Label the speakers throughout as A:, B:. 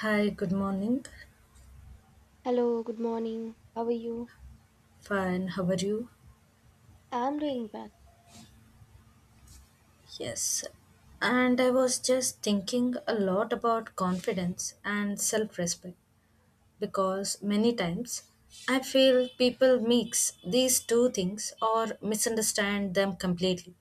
A: Hi, good morning.
B: Hello, good morning. How are you?
A: Fine, how are you?
B: I'm doing well.
A: Yes. And I was just thinking a lot about confidence and self respect because many times I feel people mix these two things or misunderstand them completely.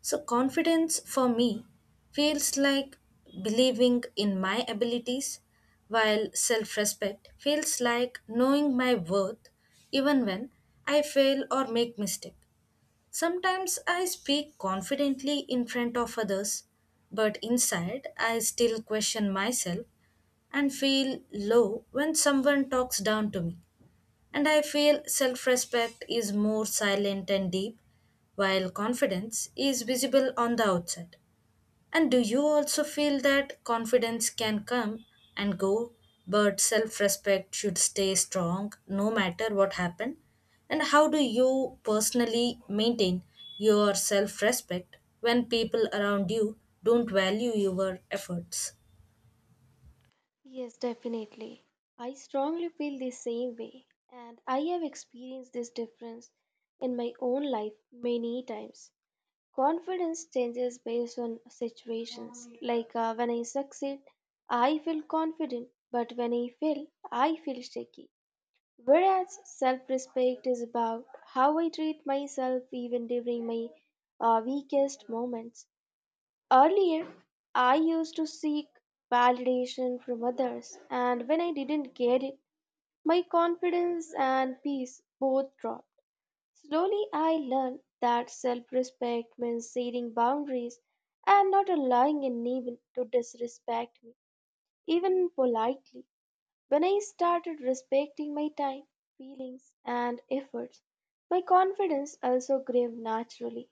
A: So, confidence for me feels like believing in my abilities, while self respect feels like knowing my worth even when I fail or make mistakes. Sometimes I speak confidently in front of others, but inside I still question myself and feel low when someone talks down to me. And I feel self respect is more silent and deep, while confidence is visible on the outside. And do you also feel that confidence can come and go, but self respect should stay strong no matter what happened? And how do you personally maintain your self respect when people around you don't value your efforts?
B: Yes, definitely. I strongly feel the same way, and I have experienced this difference in my own life many times. Confidence changes based on situations. When I succeed, I feel confident, but when I fail, I feel shaky. Whereas self respect is about how I treat myself even during my weakest moments. Earlier, I used to seek validation from others, and when I didn't get it, my confidence and peace both dropped. Slowly, I learned that self respect means setting boundaries and not allowing anyone to disrespect me, even politely. When I started respecting my time, feelings, and efforts, my confidence also grew naturally.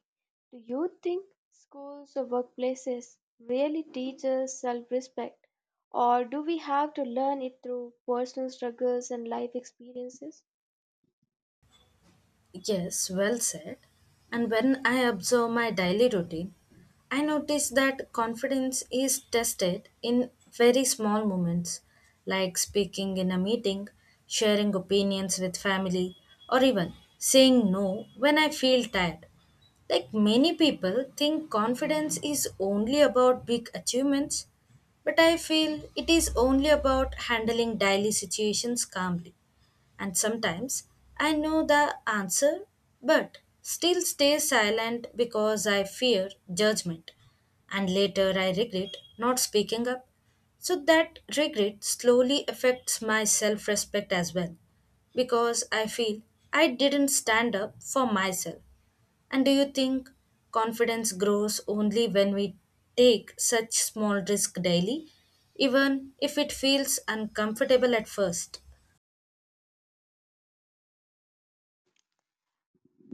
B: Do you think schools or workplaces really teach us self respect, or do we have to learn it through personal struggles and life experiences?
A: Yes, well said. And when I observe my daily routine, I notice that confidence is tested in very small moments, like speaking in a meeting, sharing opinions with family, or even saying no when I feel tired. Like many people think confidence is only about big achievements, but I feel it is only about handling daily situations calmly. And sometimes I know the answer but still stay silent because I fear judgment. And later I regret not speaking up. So that regret slowly affects my self respect as well because I feel I didn't stand up for myself. And do you think confidence grows only when we take such small risk daily, even if it feels uncomfortable at first?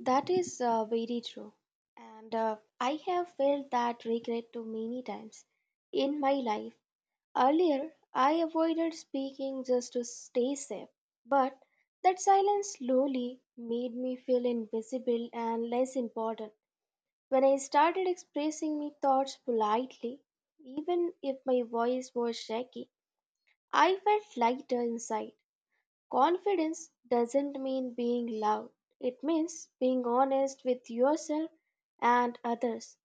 B: That is very true. And I have felt that regret too many times in my life. Earlier, I avoided speaking just to stay safe, but that silence slowly made me feel invisible and less important. When I started expressing my thoughts politely, even if my voice was shaky, I felt lighter inside. Confidence doesn't mean being loud, it means being honest with yourself and others.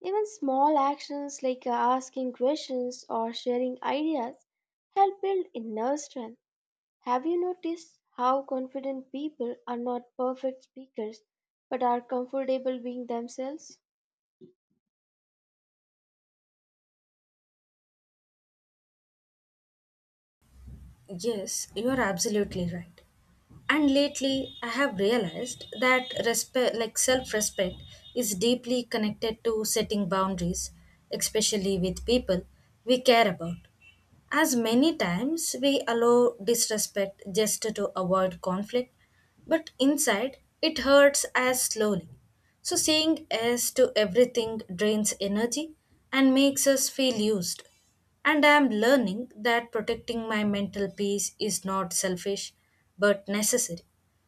B: Even small actions like asking questions or sharing ideas help build inner strength. Have you noticed how confident people are not perfect speakers but are comfortable being themselves?
A: Yes, you are absolutely right. And lately, I have realized that respect, like self-respect, is deeply connected to setting boundaries, especially with people we care about. As many times we allow disrespect just to avoid conflict, but inside it hurts as slowly. So saying yes to everything drains energy and makes us feel used. And I am learning that protecting my mental peace is not selfish but necessary.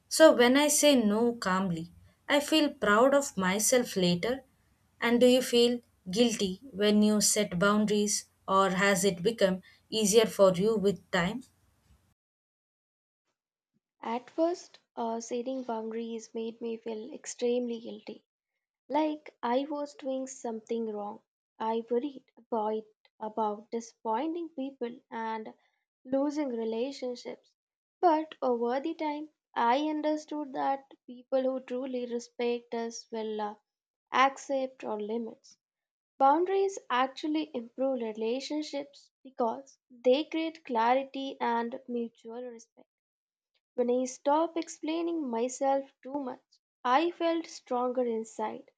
A: So when I say no calmly, I feel proud of myself later. And do you feel guilty when you set boundaries or has it become easier for you with time?
B: At first, setting boundaries made me feel extremely guilty, like I was doing something wrong. I worried about disappointing people and losing relationships. But over the time, I understood that people who truly respect us will accept our limits. Boundaries actually improve relationships because they create clarity and mutual respect. When I stopped explaining myself too much, I felt stronger inside.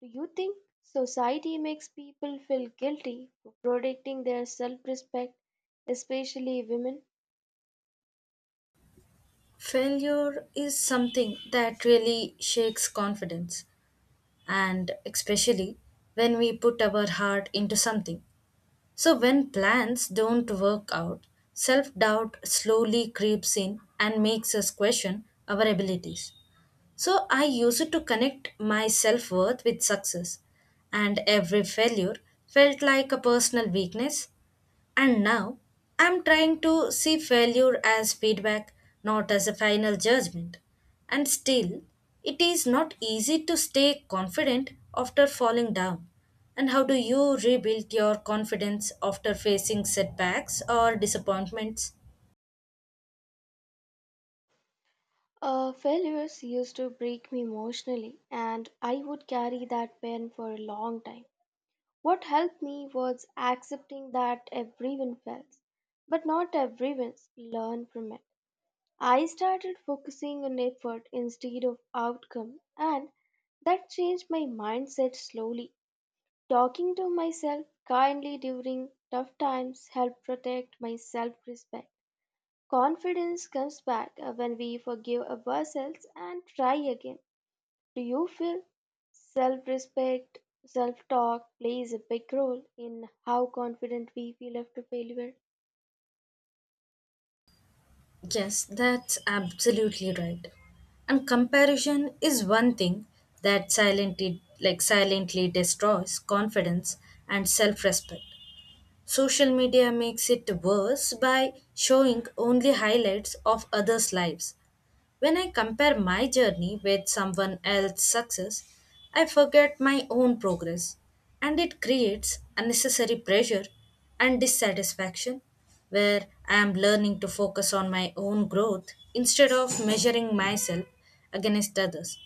B: Do you think society makes people feel guilty for protecting their self respect, especially women?
A: Failure is something that really shakes confidence, and especially when we put our heart into something. So, when plans don't work out, self doubt slowly creeps in and makes us question our abilities. So, I used to connect my self worth with success, and every failure felt like a personal weakness and now I'm trying to see failure as feedback, not as a final judgment. And still, it is not easy to stay confident after falling down. And how do you rebuild your confidence after facing setbacks or disappointments?
B: Failures used to break me emotionally, and I would carry that pain for a long time. What helped me was accepting that everyone fails, but not everyone learn from it. I started focusing on effort instead of outcome, and that changed my mindset slowly. Talking to myself kindly during tough times helped protect my self respect. Confidence comes back when we forgive ourselves and try again. Do you feel self respect, self talk plays a big role in how confident we feel after failure?
A: Yes, that's absolutely right. And comparison is one thing that silently like silently destroys confidence and self-respect. Social media makes it worse by showing only highlights of others' lives. When I compare my journey with someone else's success, I forget my own progress and it creates unnecessary pressure and dissatisfaction where I am learning to focus on my own growth instead of measuring myself against others.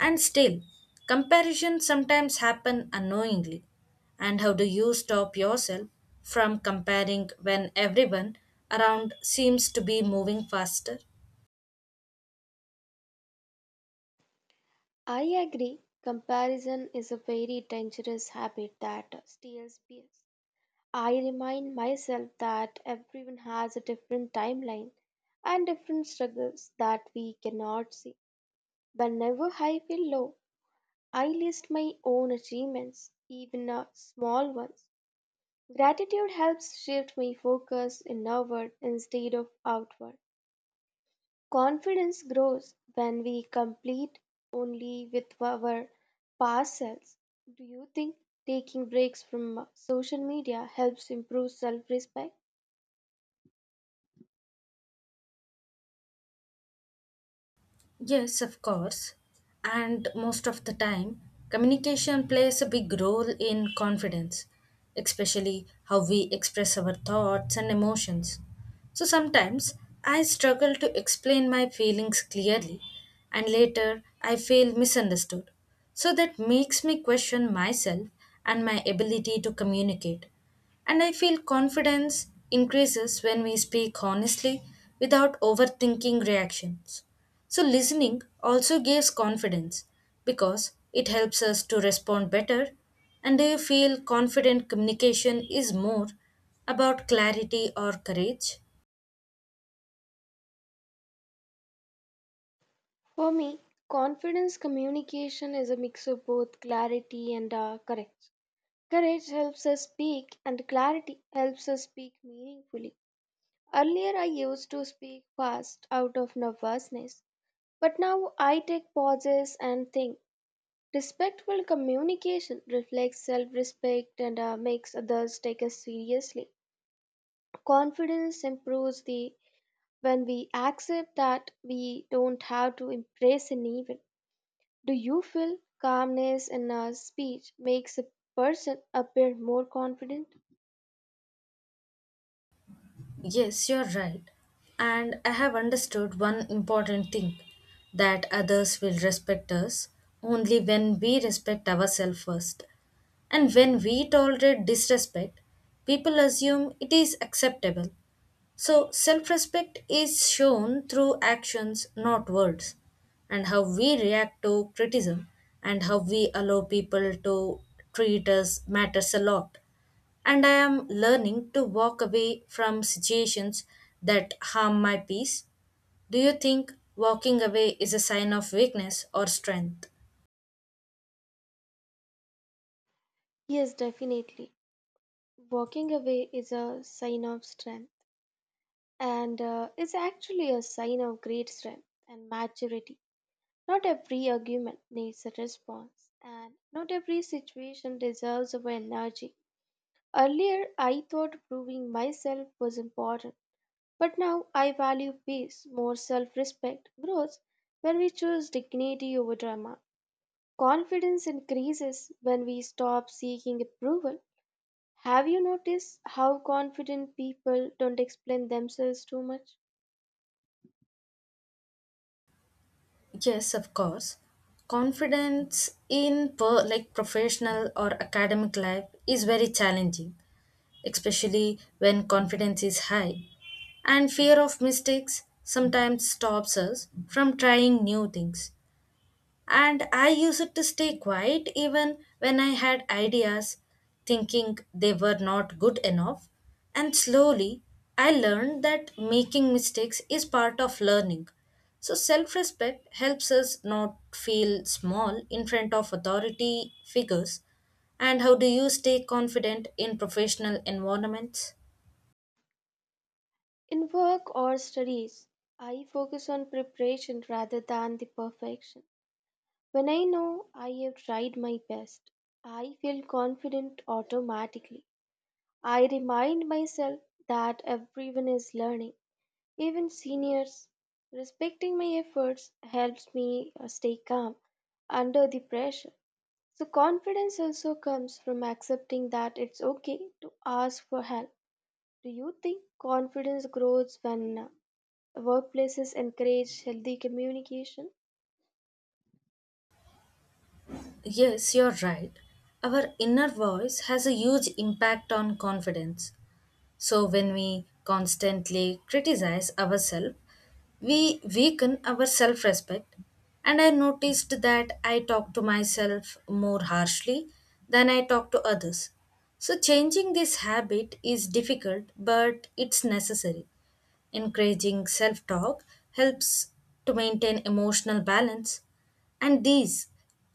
A: And still, comparisons sometimes happen unknowingly. And how do you stop yourself from comparing when everyone around seems to be moving faster?
B: I agree. Comparison is a very dangerous habit that steals peace. I remind myself that everyone has a different timeline and different struggles that we cannot see. Whenever I feel low, I list my own achievements, even small ones. Gratitude helps shift my focus inward instead of outward. Confidence grows when we complete only with our past selves. Do you think taking breaks from social media helps improve self respect?
A: Yes, of course. And most of the time, communication plays a big role in confidence, especially how we express our thoughts and emotions. So sometimes I struggle to explain my feelings clearly, and later I feel misunderstood. So that makes me question myself and my ability to communicate. And I feel confidence increases when we speak honestly without overthinking reactions. So, listening also gives confidence because it helps us to respond better. And do you feel confident communication is more about clarity or courage?
B: For me, confidence communication is a mix of both clarity and courage. Courage helps us speak, and clarity helps us speak meaningfully. Earlier, I used to speak fast out of nervousness, but now I take pauses and think. Respectful communication reflects self respect and makes others take us seriously. Confidence improves the when we accept that we don't have to impress anyone. Do you feel calmness in our speech makes a person appear more confident?
A: Yes, you're right. And I have understood one important thing that others will respect us only when we respect ourselves first. And when we tolerate disrespect, people assume it is acceptable. So, self respect is shown through actions, not words, and how we react to criticism and how we allow people to treat us matters a lot. And I am learning to walk away from situations that harm my peace. Do you think walking away is a sign of weakness or strength?
B: Yes, definitely. Walking away is a sign of strength and is actually a sign of great strength and maturity. Not every argument needs a response, and not every situation deserves our energy. Earlier, I thought proving myself was important, but now I value peace, more self respect, grows when we choose dignity over drama. Confidence increases when we stop seeking approval. Have you noticed how confident people don't explain themselves too much?
A: Yes, of course. Confidence in like professional or academic life is very challenging especially when confidence is high. And fear of mistakes sometimes stops us from trying new things and I used it to stay quiet even when I had ideas, thinking they were not good enough. And slowly, I learned that making mistakes is part of learning. So, self respect helps us not feel small in front of authority figures. And how do you stay confident in professional environments?
B: In work or studies, I focus on preparation rather than the perfection. When I know I have tried my best, I feel confident automatically. I remind myself that everyone is learning, even seniors. Respecting my efforts helps me stay calm under the pressure. So, confidence also comes from accepting that it's okay to ask for help. Do you think confidence grows when workplaces encourage healthy communication?
A: Yes, you're right. Our inner voice has a huge impact on confidence. So when we constantly criticize ourselves, we weaken our self respect. And I noticed that I talk to myself more harshly than I talk to others. So changing this habit is difficult, but it's necessary. Encouraging self talk helps to maintain emotional balance, and these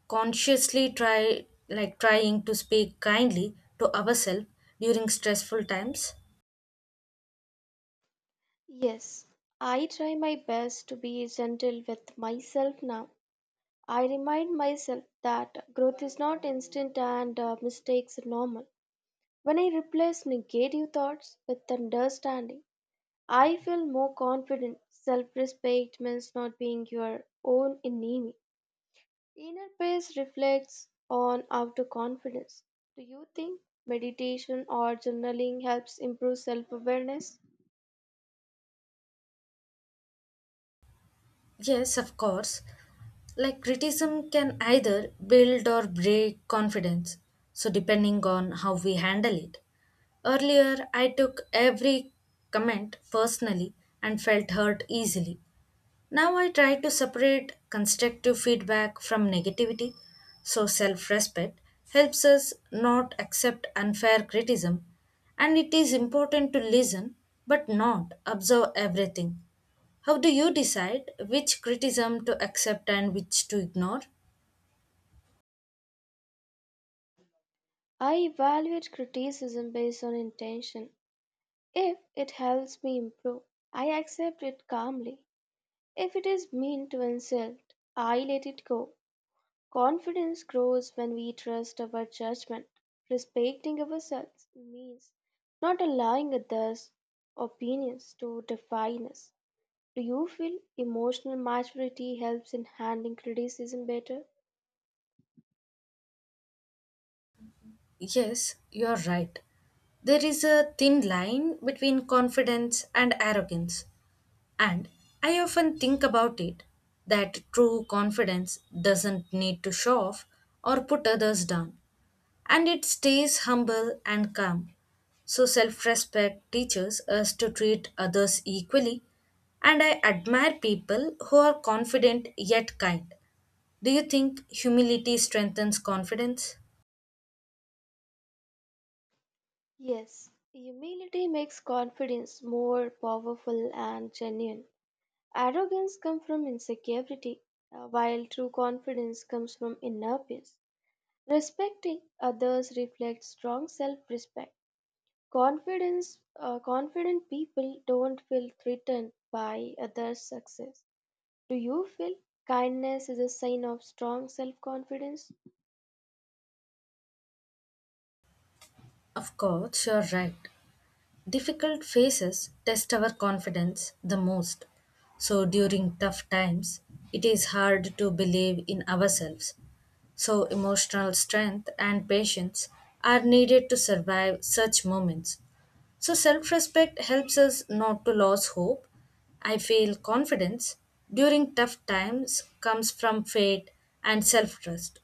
A: consciously trying to speak kindly to ourselves during stressful times.
B: Yes, I try my best to be gentle with myself now. I remind myself that growth is not instant and mistakes are normal. When I replace negative thoughts with understanding, I feel more confident. Self respect means not being your own enemy. Inner peace reflects on outer confidence. Do you think meditation or journaling helps improve self awareness?
A: Yes, of course, like criticism can either build or break confidence, so depending on how we handle it. Earlier, I took every comment personally and felt hurt easily. Now I try to separate constructive feedback from negativity, so self respect helps us not accept unfair criticism, and it is important to listen but not observe everything. How do you decide which criticism to accept and which to ignore?
B: I evaluate criticism based on intention. If it helps me improve, I accept it calmly. If it is mean to insult, I let it go. Confidence grows when we trust our judgment. Respecting ourselves means not allowing others' opinions to define us. Do you feel emotional maturity helps in handling criticism better?
A: Yes, you're right. There is a thin line between confidence and arrogance. And I often think about it that true confidence doesn't need to show off or put others down, and it stays humble and calm. So, self respect teaches us to treat others equally, and I admire people who are confident yet kind. Do you think humility strengthens confidence?
B: Yes, humility makes confidence more powerful and genuine. Arrogance comes from insecurity, while true confidence comes from inner peace. Respecting others reflects strong self-respect. Confident people don't feel threatened by others' success. Do you feel kindness is a sign of strong self-confidence?
A: Of course, you're right. Difficult phases test our confidence the most. So, during tough times, it is hard to believe in ourselves. So, emotional strength and patience are needed to survive such moments. So, self respect helps us not to lose hope. I feel confidence during tough times comes from faith and self trust.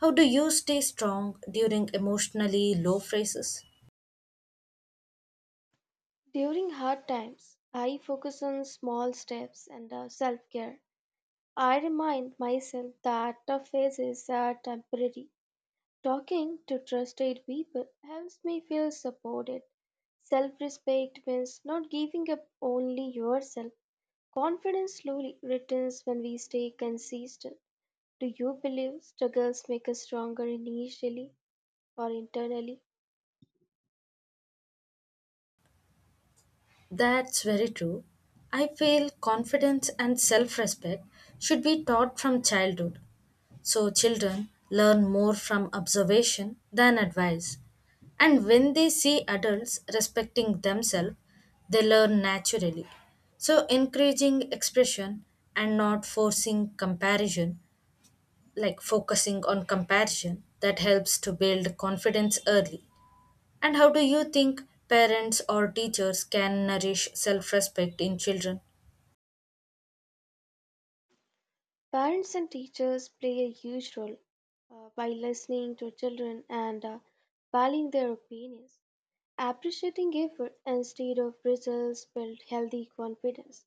A: How do you stay strong during emotionally low phases?
B: During hard times, I focus on small steps and self-care. I remind myself that tough phases are temporary. Talking to trusted people helps me feel supported. Self respect means not giving up only yourself. Confidence slowly returns when we stay consistent. Do you believe struggles make us stronger initially or internally?
A: That's very true. I feel confidence and self respect should be taught from childhood so children learn more from observation than advice. And when they see adults respecting themselves, they learn naturally. So, encouraging expression and not forcing comparison, like focusing on comparison, that helps to build confidence early. And how do you think parents or teachers can nourish self respect in children?
B: Parents and teachers play a huge role by listening to children and valuing their opinions. Appreciating effort instead of results build healthy confidence.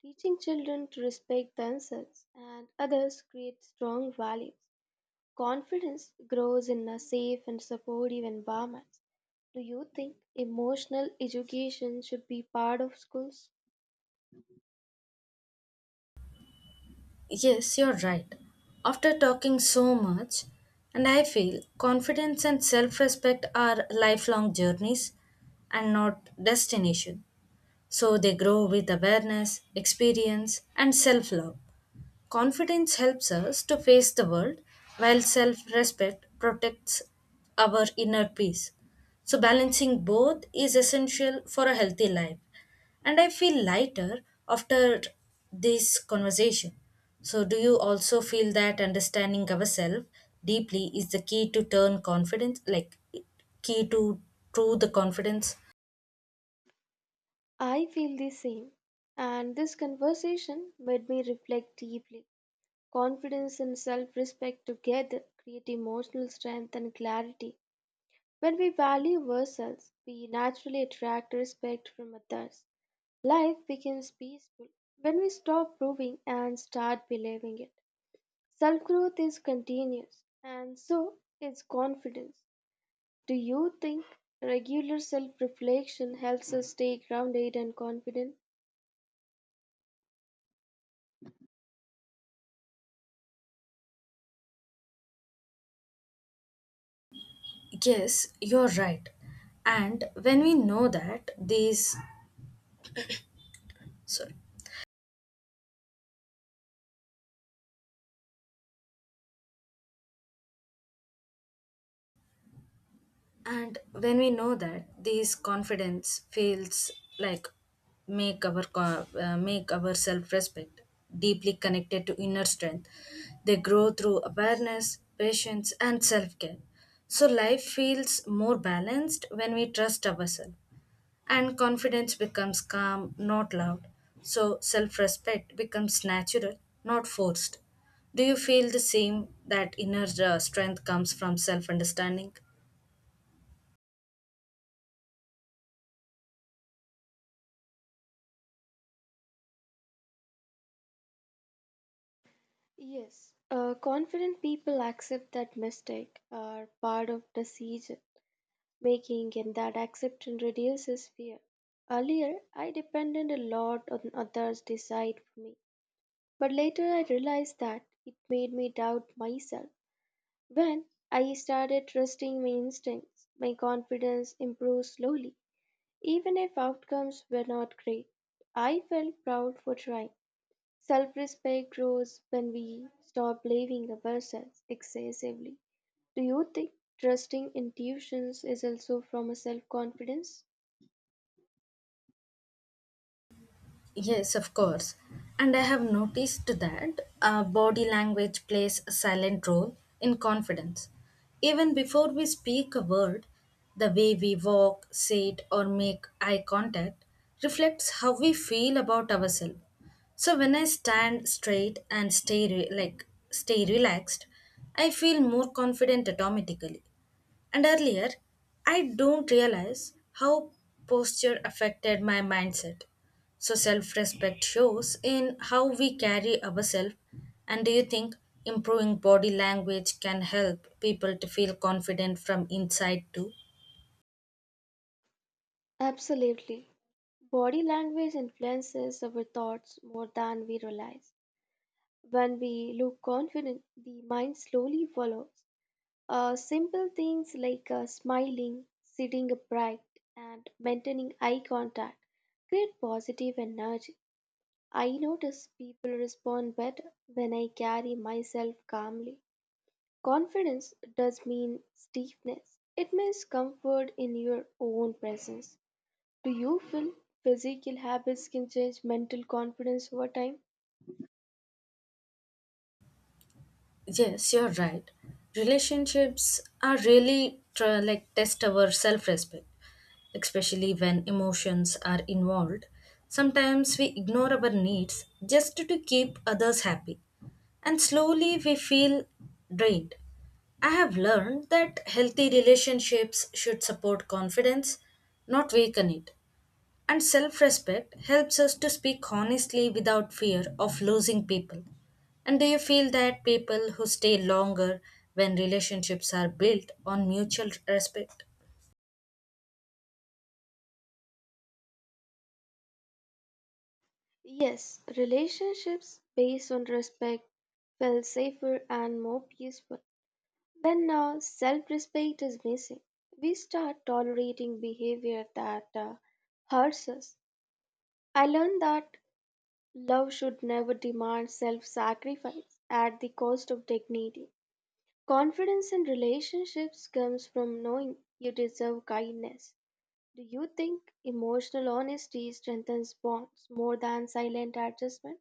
B: Teaching children to respect themselves and others creates strong values. Confidence grows in a safe and supportive environment. Do you think emotional education should be part of schools?
A: Yes, you're right. After talking so much, and I feel confidence and self respect are lifelong journeys and not destination. So they grow with awareness, experience, and self love. Confidence helps us to face the world, while self respect protects our inner peace. So, balancing both is essential for a healthy life. And I feel lighter after this conversation. So, do you also feel that understanding ourselves deeply is the key to turn confidence, like key to true the confidence?
B: I feel the same, and this conversation made me reflect deeply. Confidence and self respect together create emotional strength and clarity. When we value ourselves, we naturally attract respect from others. Life becomes peaceful when we stop proving and start believing it. Self growth is continuous, and so is confidence. Do you think regular self reflection helps us stay grounded and confident?
A: Yes, you're right. And when we know that these sorry, and when we know that these confidence feels like make our make our self respect deeply connected to inner strength. They grow through awareness, patience, and self care. So life feels more balanced when we trust ourselves, and confidence becomes calm, not loud. So self respect becomes natural, not forced. Do you feel the same that inner strength comes from self understanding?
B: Yes. Confident people accept that mistakes are part of decision making, and that acceptance reduces fear. Earlier, I depended a lot on others decide for me. But later I realized that it made me doubt myself. When I started trusting my instincts, my confidence improved slowly. Even if outcomes were not great, I felt proud for trying. Self respect grows when we stop blaming ourselves excessively. Do you think trusting intuitions is also from a self confidence?
A: Yes, of course. And I have noticed that body language plays a silent role in confidence. Even before we speak a word, the way we walk, sit, or make eye contact reflects how we feel about ourselves. So when I stand straight and like stay relaxed, I feel more confident automatically. And earlier, I don't realize how posture affected my mindset. So self respect shows in how we carry ourselves. And do you think improving body language can help people to feel confident from inside too?
B: Absolutely. Body language influences our thoughts more than we realize. When we look confident, the mind slowly follows. Simple things like smiling, sitting upright, and maintaining eye contact create positive energy. I notice people respond better when I carry myself calmly. Confidence does mean stiffness. It means comfort in your own presence. Do you feel physical habits can change mental confidence over time?
A: Yes, you're right. Relationships are like test our self respect, especially when emotions are involved. Sometimes we ignore our needs just to keep others happy, and slowly we feel drained. I have learned that healthy relationships should support confidence, not weaken it. And self respect helps us to speak honestly without fear of losing people. And do you feel that people who stay longer when relationships are built on mutual respect?
B: Yes, relationships based on respect feel safer and more peaceful. When self respect is missing, we start tolerating behavior that hurts us. I learned that love should never demand self sacrifice at the cost of dignity. Confidence in relationships comes from knowing you deserve kindness. Do you think emotional honesty strengthens bonds more than silent adjustment?